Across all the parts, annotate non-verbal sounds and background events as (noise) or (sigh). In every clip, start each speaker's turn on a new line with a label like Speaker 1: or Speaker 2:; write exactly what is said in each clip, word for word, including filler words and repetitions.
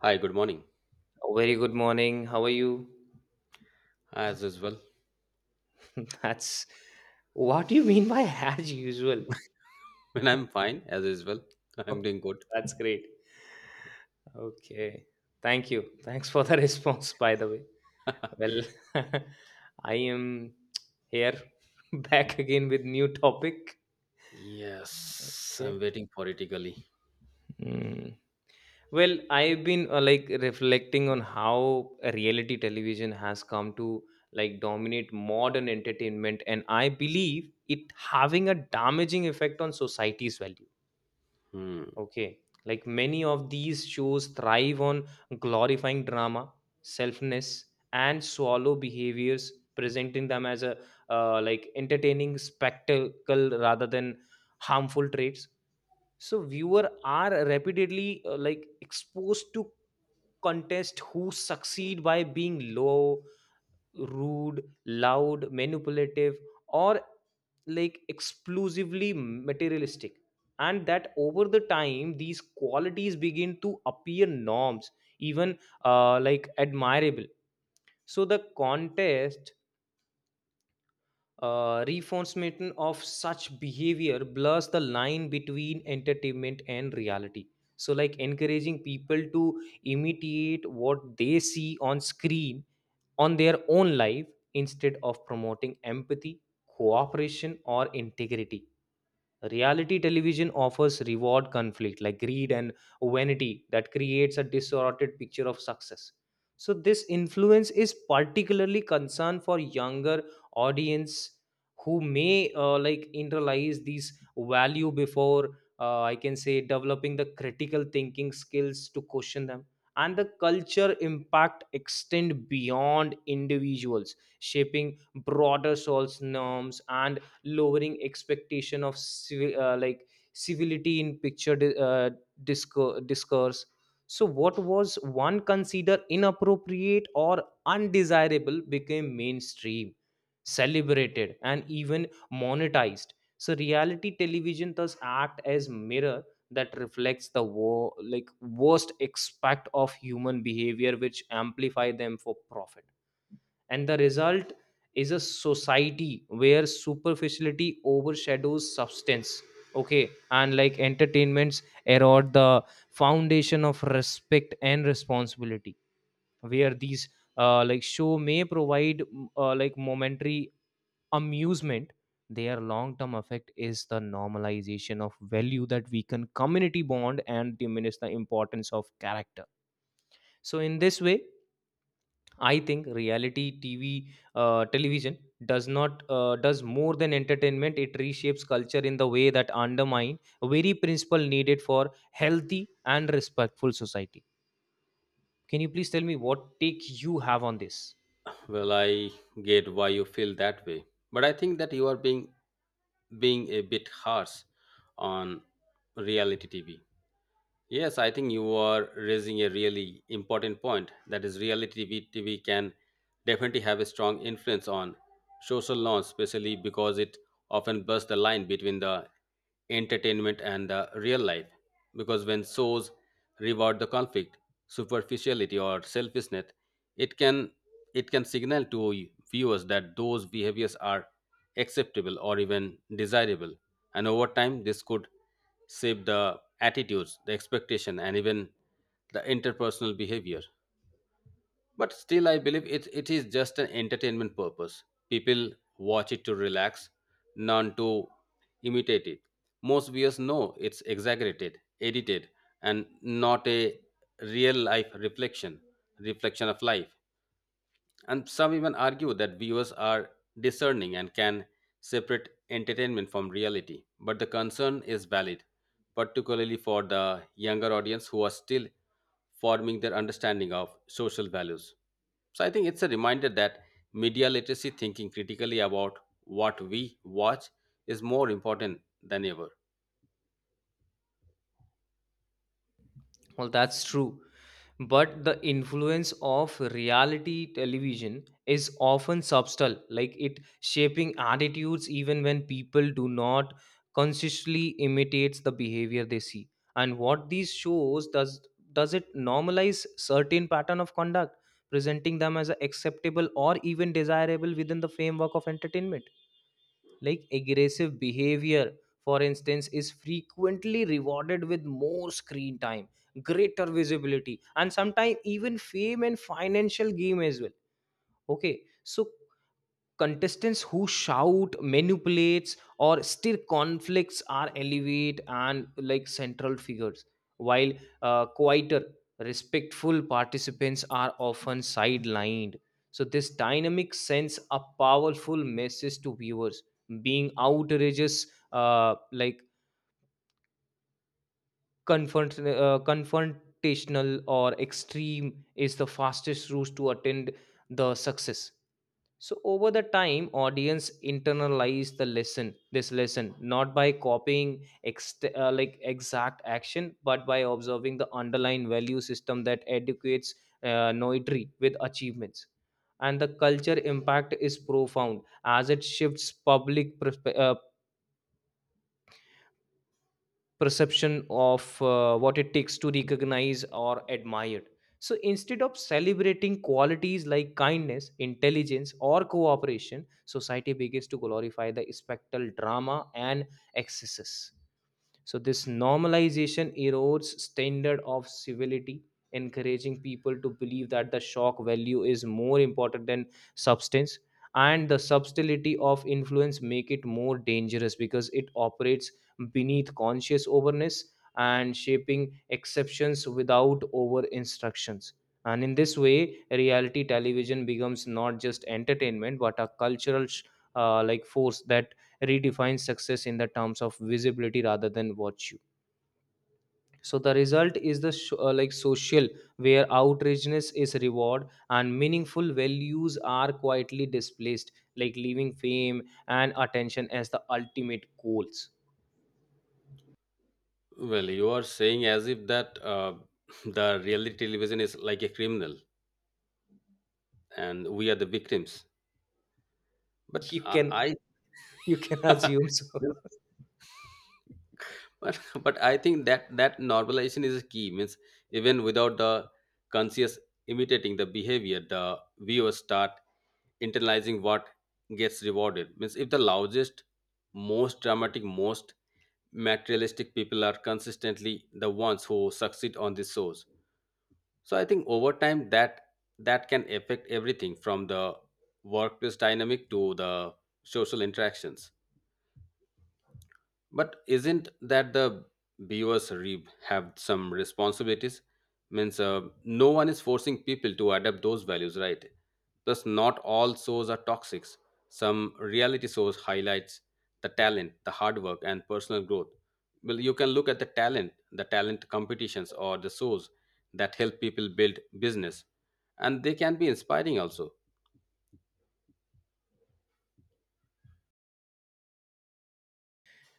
Speaker 1: Hi, good morning.
Speaker 2: Very good morning. How are you?
Speaker 1: As usual,
Speaker 2: (laughs) That's what do you mean by as usual?
Speaker 1: (laughs) when I'm fine, as usual, I'm doing good.
Speaker 2: (laughs) That's great. Okay. Thank you. Thanks for the (laughs) response, by the way. Well, (laughs) I am here (laughs) back again with new topic.
Speaker 1: Yes,
Speaker 2: Okay.
Speaker 1: I'm waiting for it eagerly.
Speaker 2: Mm. Well, I've been uh, like reflecting on how reality television has come to like dominate modern entertainment, and I believe it having a damaging effect on society's value.
Speaker 1: Hmm.
Speaker 2: Okay. Like many of these shows thrive on glorifying drama, selfness, and swallow behaviors, presenting them as a uh, like entertaining spectacle rather than harmful traits. So viewer are repeatedly uh, like exposed to contest who succeed by being low, rude, loud, manipulative, or like exclusively materialistic. And that over the time, these qualities begin to appear norms, even uh, like admirable. So the contest uh, reinforcement of such behavior blurs the line between entertainment and reality, so like encouraging people to imitate what they see on screen on their own life instead of promoting empathy, cooperation, or integrity. Reality television offers reward conflict like greed and vanity that creates a distorted picture of success. So this influence is particularly concerned for younger audience who may uh, like internalize these value before uh, I can say developing the critical thinking skills to question them. And the culture impact extend beyond individuals, shaping broader souls norms and lowering expectation of civi- uh, like civility in picture di- uh, disco- discourse. So what was one considered inappropriate or undesirable became mainstream, celebrated, and even monetized. So reality television does act as mirror that reflects the wo- like worst aspect of human behavior which amplify them for profit. And the result is a society where superficiality overshadows substance. Okay, and like entertainments erode the foundation of respect and responsibility, where these uh, like show may provide mm, uh, like momentary amusement. Their long term effect is the normalization of value that weaken community bond and diminish the importance of character. So in this way, I think reality T V, uh, television does not uh, does more than entertainment. It reshapes culture in the way that undermine a very principle needed for healthy and respectful society. Can you please tell me what take you have on this?
Speaker 1: Well, I get why you feel that way, but I think that you are being being a bit harsh on reality T V. Yes, I think you are raising a really important point, that is, reality T V can definitely have a strong influence on social norms, especially because it often busts the line between the entertainment and the real life. Because when shows reward the conflict, superficiality or selfishness, it can it can signal to viewers that those behaviors are acceptable or even desirable. And over time this could shape the attitudes, the expectation, and even the interpersonal behavior. But still, I believe it, it is just an entertainment purpose. People watch it to relax, none to imitate it. Most viewers know it's exaggerated, edited, and not a real life reflection, reflection of life. And some even argue that viewers are discerning and can separate entertainment from reality. But the concern is valid, particularly for the younger audience who are still forming their understanding of social values. So I think it's a reminder that media literacy, thinking critically about what we watch, is more important than ever.
Speaker 2: Well, that's true, but the influence of reality television is often subtle, like it shaping attitudes even when people do not consciously imitates the behavior they see. And what these shows does does it normalize certain pattern of conduct, presenting them as acceptable or even desirable within the framework of entertainment. Like aggressive behavior, for instance, is frequently rewarded with more screen time, greater visibility, and sometimes even fame and financial gain as well. Okay, so contestants who shout, manipulates, or stir conflicts are elevate and like central figures, while uh, quieter, respectful participants are often sidelined. So this dynamic sends a powerful message to viewers: being outrageous, uh, like confront, uh, confrontational, or extreme is the fastest route to attend the success. So over the time, audience internalize the lesson, this lesson, not by copying ext- uh, like exact action, but by observing the underlying value system that educates uh, noetry with achievements. And the culture impact is profound as it shifts public perspe- uh, perception of uh, what it takes to recognize or admire. So instead of celebrating qualities like kindness, intelligence, or cooperation, society begins to glorify the spectral drama and excesses. So this normalization erodes standard of civility, encouraging people to believe that the shock value is more important than substance. And the subtlety of influence make it more dangerous because it operates beneath conscious awareness and shaping exceptions without over instructions. And in this way, reality television becomes not just entertainment but a cultural sh- uh, like force that redefines success in the terms of visibility rather than virtue. So the result is the sh- uh, like social where outrageousness is reward and meaningful values are quietly displaced, like leaving fame and attention as the ultimate goals.
Speaker 1: Well, you are saying as if that uh, (laughs) the reality television is like a criminal and we are the victims. But
Speaker 2: You
Speaker 1: I
Speaker 2: can,
Speaker 1: I
Speaker 2: you can
Speaker 1: (laughs)
Speaker 2: assume so.
Speaker 1: but (laughs) but i think that that normalization is a key means. Even without the conscious imitating the behavior, the viewers start internalizing what gets rewarded. Means, if the loudest, most dramatic, most materialistic people are consistently the ones who succeed on these shows, so I think over time that that can affect everything from the workplace dynamic to the social interactions. But isn't that the viewers re- have some responsibilities? Means uh, no one is forcing people to adapt those values, right? Plus, not all shows are toxic. Some reality shows highlights the talent, the hard work, and personal growth. Well, you can look at the talent, the talent competitions, or the shows that help people build business, and they can be inspiring also.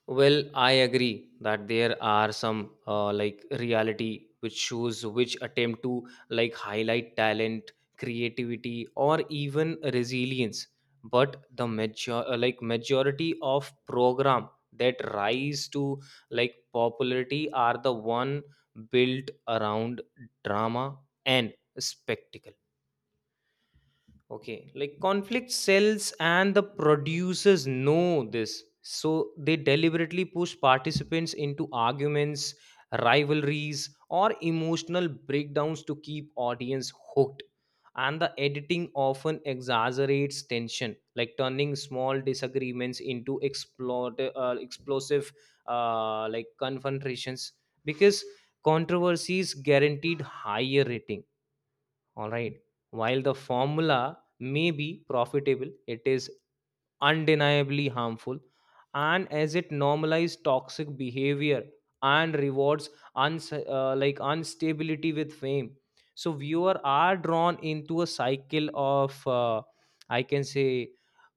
Speaker 2: Well, I agree that there are some uh, like reality which shows which attempt to like highlight talent, creativity, or even resilience. But the major uh, like majority of program that rise to like popularity are the one built around drama and spectacle. Okay, like conflict sells and the producers know this. So they deliberately push participants into arguments, rivalries, or emotional breakdowns to keep audience hooked. And the editing often exaggerates tension, like turning small disagreements into explode, uh, explosive uh, like confrontations, because controversies guaranteed higher rating, all right. While the formula may be profitable, it is undeniably harmful. And as it normalizes toxic behavior and rewards uns- uh, like instability with fame, so viewer are drawn into a cycle of, uh, I can say,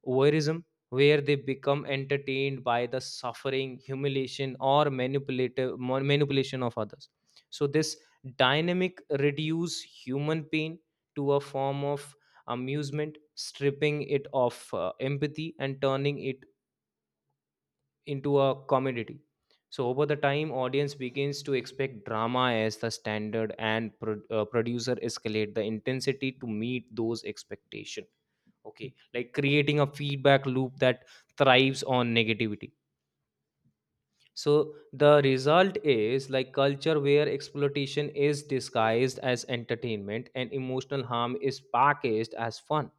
Speaker 2: voyeurism, where they become entertained by the suffering, humiliation, or manipulative mon- manipulation of others. So this dynamic reduce human pain to a form of amusement, stripping it of uh, empathy and turning it into a commodity. So over the time, audience begins to expect drama as the standard and pro- uh, producer escalate the intensity to meet those expectation. Okay, like creating a feedback loop that thrives on negativity. So the result is like culture where exploitation is disguised as entertainment and emotional harm is packaged as fun.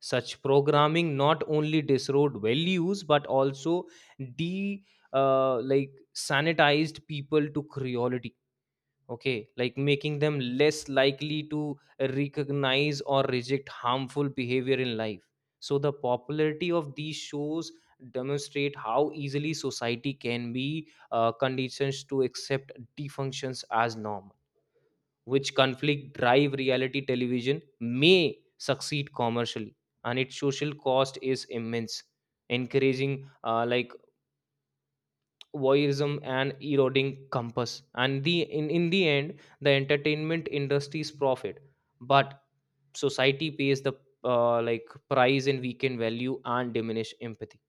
Speaker 2: Such programming not only disrode values but also de uh, like sanitized people to cruelty. Okay, like making them less likely to recognize or reject harmful behavior in life. So the popularity of these shows demonstrate how easily society can be uh, conditioned to accept defunctions as normal, which conflict drive reality television may succeed commercially and its social cost is immense, encouraging uh, like voyeurism and eroding compass. And the in, in the end, the entertainment industry's profit, but society pays the uh, like price in weakened value and diminished empathy.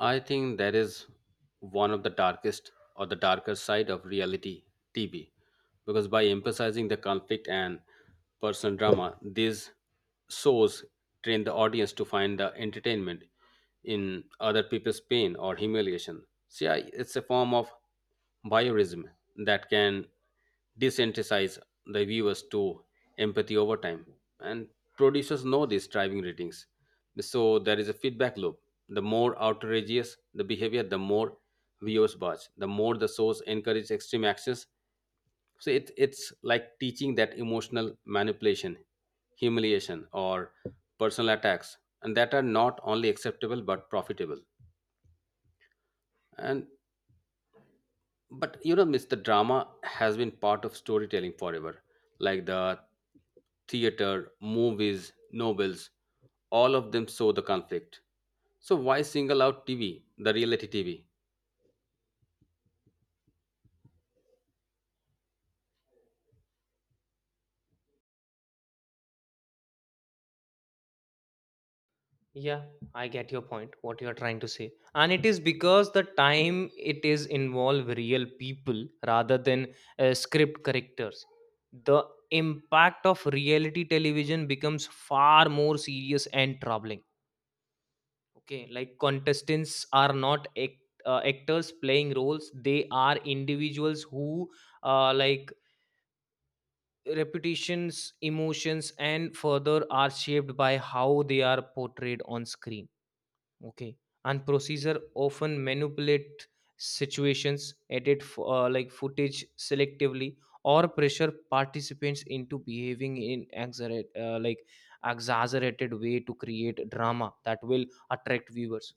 Speaker 1: I think that is one of the darkest or the darker side of reality T V, because by emphasizing the conflict and personal drama, these shows train the audience to find the entertainment in other people's pain or humiliation. See, I, it's a form of voyeurism that can desensitize the viewers to empathy over time. And producers know these driving ratings, so there is a feedback loop. The more outrageous the behavior, the more viewers watch. The more the source encourages extreme actions. So it, it's like teaching that emotional manipulation, humiliation, or personal attacks, and that are not only acceptable but profitable. And but you know, Miss, the drama has been part of storytelling forever, like the theater, movies, novels. All of them show the conflict. So why single out T V, the reality T V?
Speaker 2: Yeah, I get your point what you are trying to say, and it is because the time it is involve real people rather than uh, script characters, the impact of reality television becomes far more serious and troubling. Okay, like contestants are not act, uh, actors playing roles. They are individuals who, uh, like reputations, emotions, and further are shaped by how they are portrayed on screen. Okay, and procedure often manipulate situations, edit f- uh, like footage selectively, or pressure participants into behaving in exaggerate, uh, like exaggerated way to create drama that will attract viewers.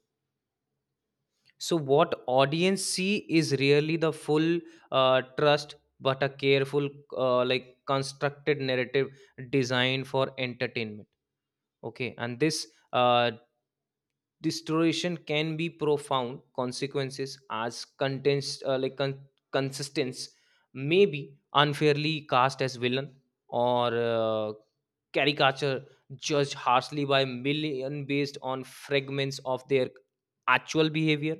Speaker 2: So what audience see is really the full uh, trust, but a careful, uh, like constructed narrative designed for entertainment. Okay, and this uh, distortion can be profound consequences as contents uh, like con- consistence may be unfairly cast as villain or uh, caricature, judged harshly by million based on fragments of their actual behavior.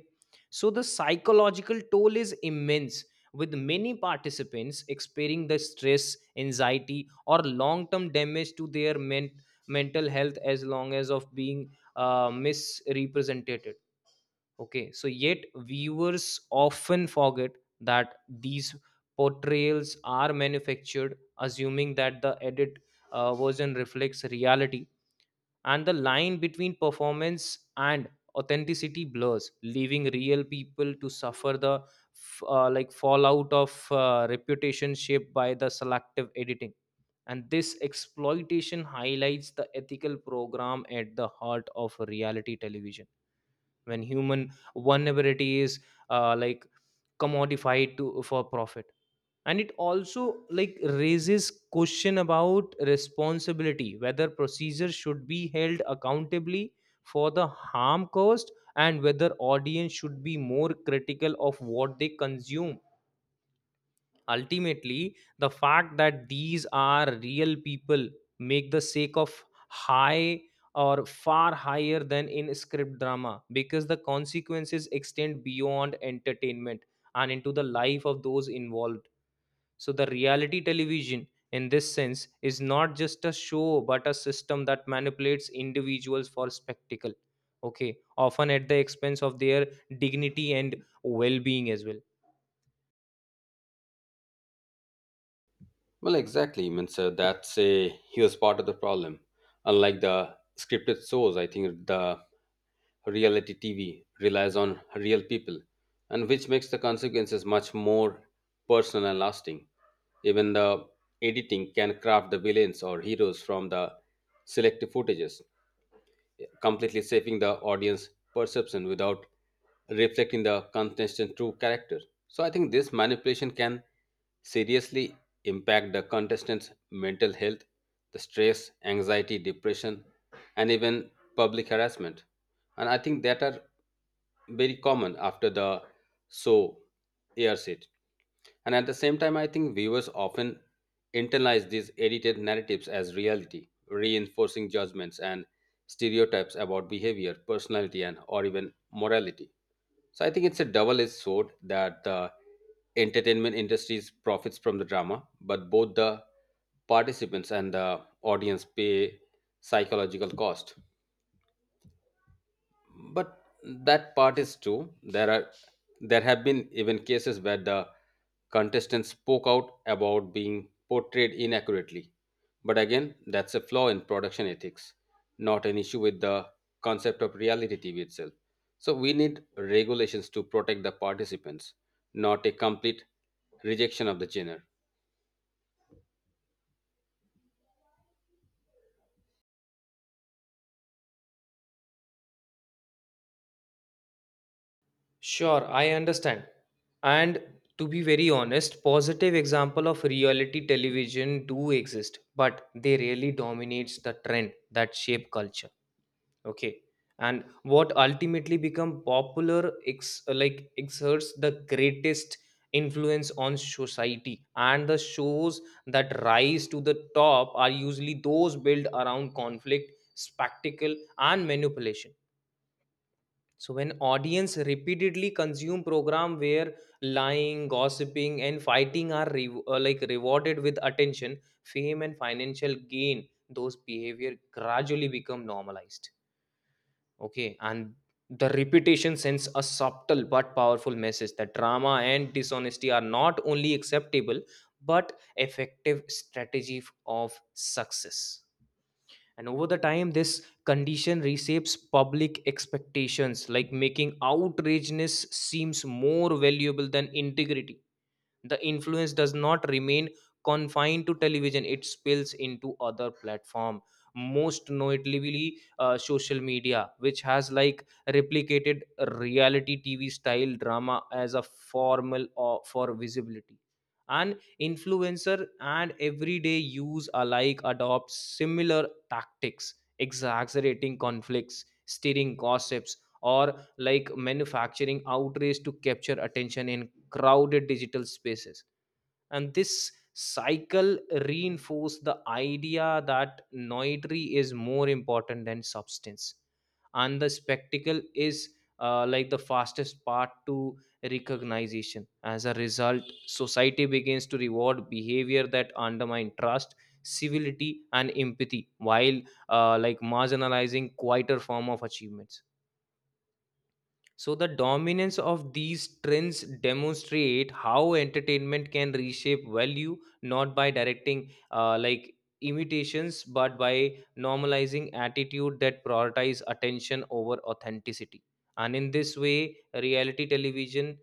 Speaker 2: So the psychological toll is immense, with many participants experiencing the stress, anxiety, or long term damage to their men- mental health as long as of being uh, misrepresented. Okay, so yet viewers often forget that these portrayals are manufactured, assuming that the edit uh, version reflects reality. And the line between performance and authenticity blurs, leaving real people to suffer the f- uh, like fallout of uh, reputation shaped by the selective editing. And this exploitation highlights the ethical program at the heart of reality television, when human vulnerability is uh, like commodified to for profit. And it also like raises question about responsibility, whether procedures should be held accountably for the harm caused and whether audience should be more critical of what they consume. Ultimately, the fact that these are real people make the sake of high or far higher than in script drama, because the consequences extend beyond entertainment and into the life of those involved. So the reality television, in this sense, is not just a show but a system that manipulates individuals for spectacle, okay, often at the expense of their dignity and well-being as well.
Speaker 1: Well, exactly. Means uh, that's a huge part of the problem. Unlike the scripted shows, I think the reality T V relies on real people, and which makes the consequences much more personal and lasting. Even the editing can craft the villains or heroes from the selective footages, completely shaping the audience perception without reflecting the contestant's true character. So I think this manipulation can seriously impact the contestant's mental health, the stress, anxiety, depression, and even public harassment. And I think that are very common after the show airs it. And at the same time, I think viewers often internalize these edited narratives as reality, reinforcing judgments and stereotypes about behavior, personality, and or even morality. So I think it's a double-edged sword that the entertainment industry profits from the drama, but both the participants and the audience pay psychological cost. But that part is true. There are there have been even cases where the contestants spoke out about being portrayed inaccurately, but again that's a flaw in production ethics, not an issue with the concept of reality TV itself. So we need regulations to protect the participants, not a complete rejection of the genre.
Speaker 2: Sure, I understand. And to be very honest, positive example of reality television do exist, but they really dominates the trend that shape culture. Okay. And what ultimately become popular ex- like exerts the greatest influence on society, and the shows that rise to the top are usually those built around conflict, spectacle, and manipulation. So when audience repeatedly consume program where lying, gossiping, and fighting are re- uh, like rewarded with attention, fame, and financial gain, those behavior gradually become normalized. Okay, and the repetition sends a subtle but powerful message that drama and dishonesty are not only acceptable but effective strategy f- of success. And over the time, this condition reshapes public expectations, like making outrageousness seems more valuable than integrity. The influence does not remain confined to television. It spills into other platform, most notably uh, social media, which has like replicated reality tv style drama as a formal or for visibility. And influencer and everyday use alike adopt similar tactics, exaggerating conflicts, stirring gossips, or like manufacturing outrage to capture attention in crowded digital spaces. And this cycle reinforced the idea that noetry is more important than substance, and the spectacle is uh, like the fastest path to recognition. As a result, society begins to reward behavior that undermine trust, civility and empathy, while uh, like marginalizing quieter form of achievements. So the dominance of these trends demonstrate how entertainment can reshape value, not by directing uh, like imitations, but by normalizing attitude that prioritize attention over authenticity. And in this way, reality television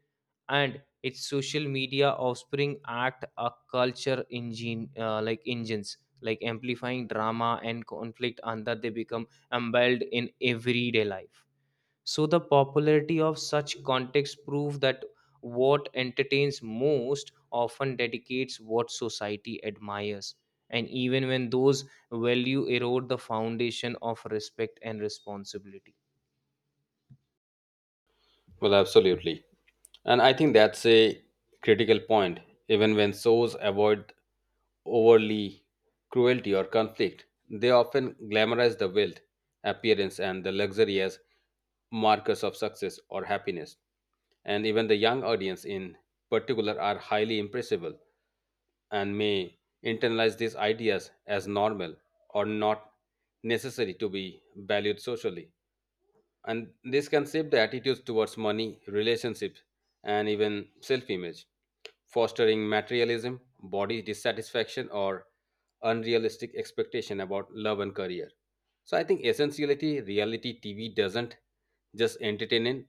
Speaker 2: and its social media offspring act a culture engine, uh, like engines, like amplifying drama and conflict until they become embelled in everyday life. So the popularity of such contexts prove that what entertains most often dedicates what society admires. And even when those value erode the foundation of respect and responsibility.
Speaker 1: Well, absolutely. And I think that's a critical point. Even when shows avoid overly cruelty or conflict, they often glamorize the wealth, appearance, and the luxury as markers of success or happiness. And even the young audience in particular are highly impressible and may internalize these ideas as normal or not necessary to be valued socially. And this can shape the attitudes towards money, relationships, and even self image, fostering materialism, body dissatisfaction, or unrealistic expectation about love and career. So I think essentiality reality T V doesn't just entertain it,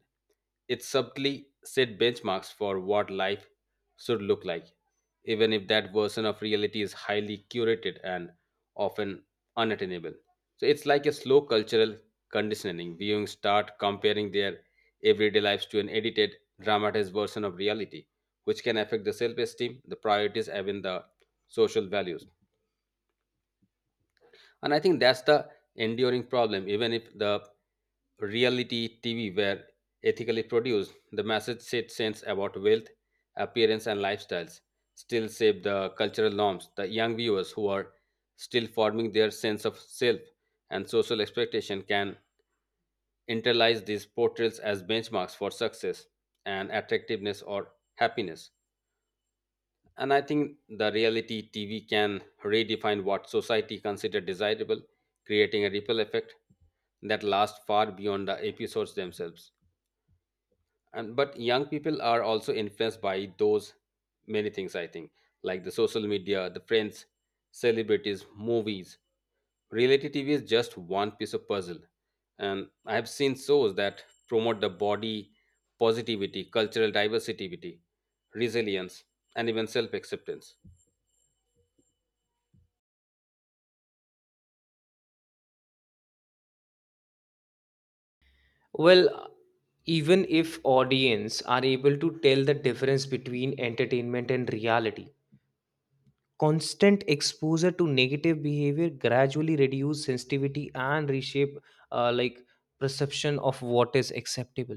Speaker 1: it subtly set benchmarks for what life should look like, even if that version of reality is highly curated and often unattainable. So it's like a slow cultural conditioning. Viewing start comparing their everyday lives to an edited, dramatized version of reality, which can affect the self esteem, the priorities, even the social values. And I think that's the enduring problem. Even if the reality T V were ethically produced, the message it sends about wealth, appearance, and lifestyles still shape the cultural norms. The young viewers who are still forming their sense of self and social expectation can internalize these portrayals as benchmarks for success and attractiveness or happiness. And I think the reality T V can redefine what society consider desirable, creating a ripple effect that lasts far beyond the episodes themselves. And but young people are also influenced by those many things I think, like the social media, the friends, celebrities, movies. Reality T V is just one piece of puzzle. And I have seen shows that promote the body positivity, cultural diversity, resilience, and even self-acceptance.
Speaker 2: Well, even if audience are able to tell the difference between entertainment and reality, constant exposure to negative behavior gradually reduce sensitivity and reshape uh, like perception of what is acceptable.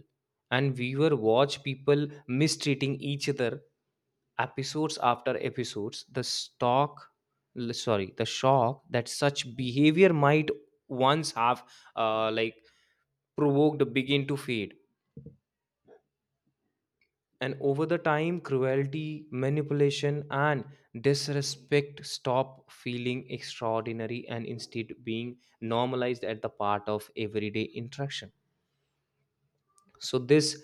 Speaker 2: And viewer watch people mistreating each other episodes after episodes, the stock l- sorry, the shock that such behavior might once have uh, like provoked begin to fade. And over the time, cruelty, manipulation, and disrespect stop feeling extraordinary and instead being normalized at the part of everyday interaction. So, this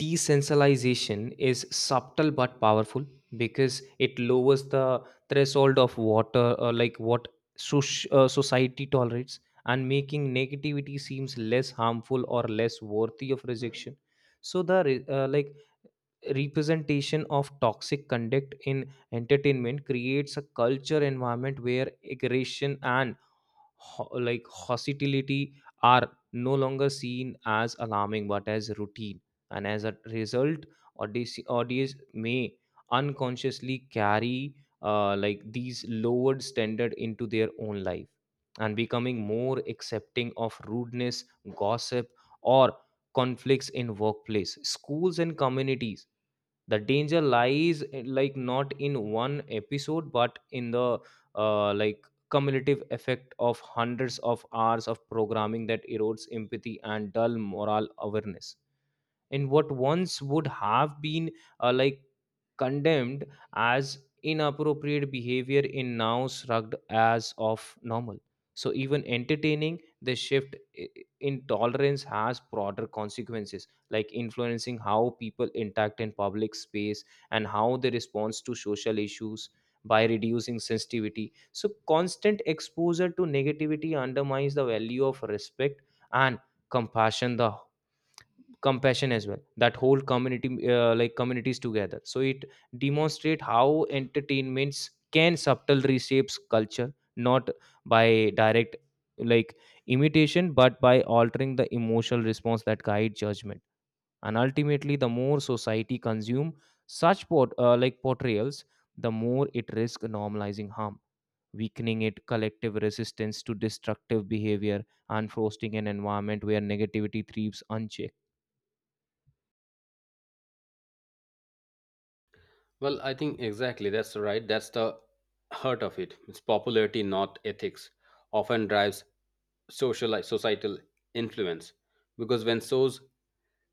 Speaker 2: desensitization is subtle but powerful because it lowers the threshold of water, uh, like what soc- uh, society tolerates, and making negativity seems less harmful or less worthy of rejection. So, the re- uh, like representation of toxic conduct in entertainment creates a culture environment where aggression and ho- like hostility are no longer seen as alarming but as routine. And as a result, audience, audience may unconsciously carry uh, like these lowered standard into their own life, and becoming more accepting of rudeness, gossip, or conflicts in workplace, schools and communities. The danger lies, eh, like, not in one episode but in the uh, like cumulative effect of hundreds of hours of programming that erodes empathy and dull moral awareness. And what once would have been uh, like condemned as inappropriate behavior in now shrugged as of normal. So even entertaining, the shift i- in tolerance has broader consequences, like influencing how people interact in public space and how they respond to social issues. By reducing sensitivity, so constant exposure to negativity undermines the value of respect and compassion, the compassion as well, that whole community, uh, like communities together. So it demonstrate how entertainments can subtle reshapes culture, not by direct, like, imitation, but by altering the emotional response that guide judgment. And ultimately, the more society consume such port- uh, like portrayals, the more it risk normalizing harm, weakening it collective resistance to destructive behavior, and fostering an environment where negativity thrives unchecked.
Speaker 1: Well, I think exactly that's right. That's the heart of it. It's popularity, not ethics, often drives social like, societal influence, because when shows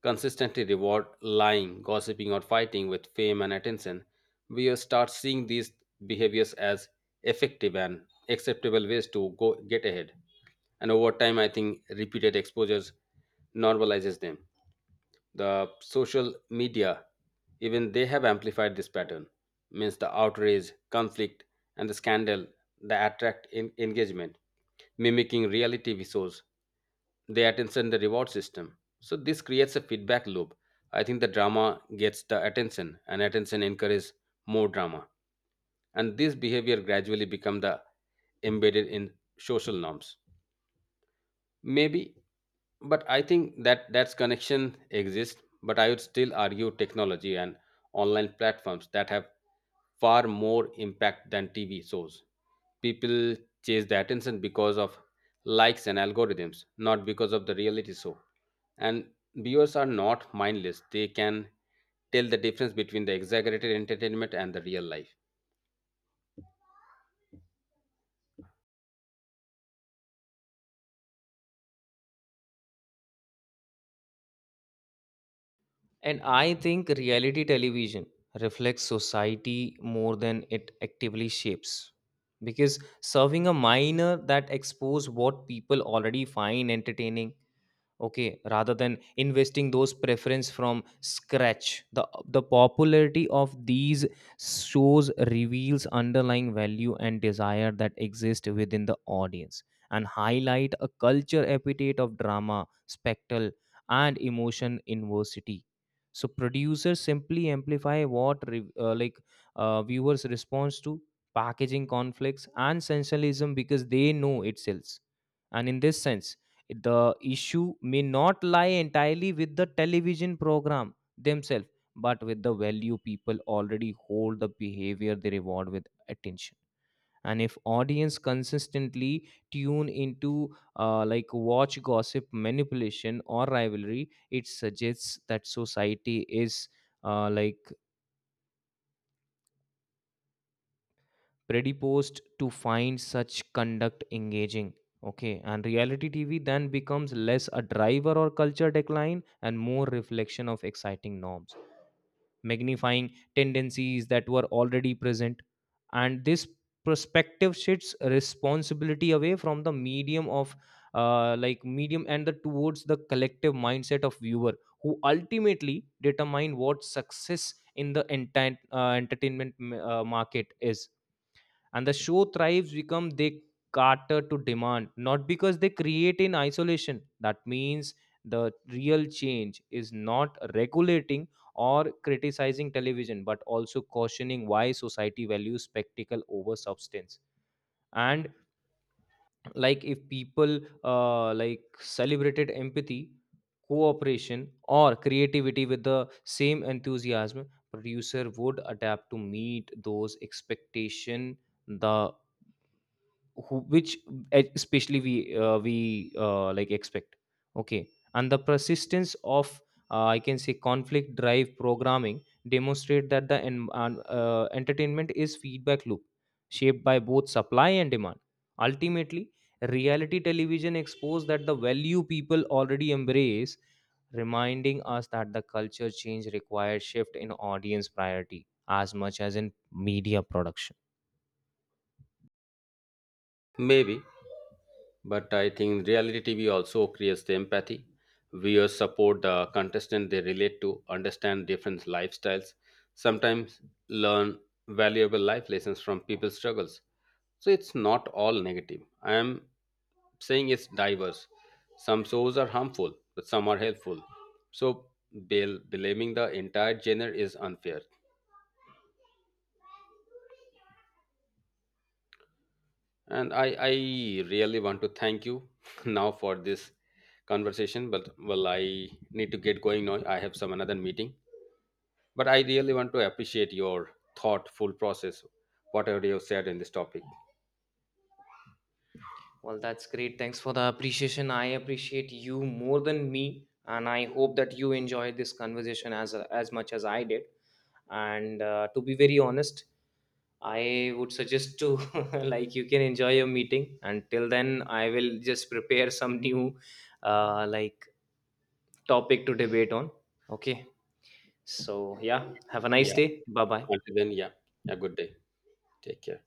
Speaker 1: consistently reward lying, gossiping, or fighting with fame and attention, we start seeing these behaviors as effective and acceptable ways to go get ahead. And over time, I think repeated exposures normalizes them. The social media, even they have amplified this pattern. Means the outrage conflict and the scandal that attract in- engagement mimicking reality visuals, they attention the reward system. So this creates a feedback loop. I think the drama gets the attention and attention encourages more drama. And this behavior gradually become the embedded in social norms. Maybe, but I think that that's connection exists, but I would still argue technology and online platforms that have far more impact than TV shows. People chase the attention because of likes and algorithms, not because of the reality show. And viewers are not mindless, they can tell the difference between the exaggerated entertainment and the real life.
Speaker 2: And I think reality television reflects society more than it actively shapes. Because serving a minor that expose what people already find entertaining. Okay, rather than investing those preference from scratch, the the popularity of these shows reveals underlying value and desire that exist within the audience, and highlight a culture appetite of drama, spectacle, and emotion inversity. So producers simply amplify what re- uh, like uh, viewers response to, packaging conflicts and sensationalism because they know it sells. And in this sense, the issue may not lie entirely with the television program themselves, but with the value people already hold, the behavior they reward with attention. And if audience consistently tune into, uh, like, watch gossip, manipulation, or rivalry, it suggests that society is uh, like predisposed to find such conduct engaging. Okay, and reality tv then becomes less a driver or culture decline and more reflection of exciting norms, magnifying tendencies that were already present. And this perspective shifts responsibility away from the medium of, uh, like, medium and the towards the collective mindset of viewer who ultimately determine what success in the entire uh, entertainment uh, market is. And the show thrives become they cater to demand, not because they create in isolation. That means the real change is not regulating or criticizing television, but also cautioning why society values spectacle over substance. And like, if people uh, like celebrated empathy, cooperation or creativity with the same enthusiasm, producer would adapt to meet those expectation. The who, which e, especially we uh, we uh, like expect. Okay. And the persistence of, uh, I can say, conflict drive programming demonstrate that the en- an- uh, entertainment is feedback loop, shaped by both supply and demand. Ultimately, reality television exposed that the value people already embrace, reminding us that the culture change requires shift in audience priority as much as in media production.
Speaker 1: Maybe, but I think reality T V also creates the empathy. Viewers support the contestant they relate to, understand different lifestyles, sometimes learn valuable life lessons from people's struggles. So it's not all negative. I am saying it's diverse. Some shows are harmful, but some are helpful. So bel- blaming the entire genre is unfair. And I, I really want to thank you (laughs) now for this conversation. But well, I need to get going now. I have some another meeting. But I really want to appreciate your thoughtful process, whatever you have said in this topic.
Speaker 2: Well, that's great. Thanks for the appreciation. I appreciate you more than me, and I hope that you enjoyed this conversation as as much as I did. And uh, to be very honest, I would suggest to (laughs) like you can enjoy your meeting. Until then, I will just prepare some new uh, like topic to debate on. Okay. So yeah, have a nice
Speaker 1: Yeah.
Speaker 2: day. Bye bye.
Speaker 1: Until then, yeah. A good day. Take care.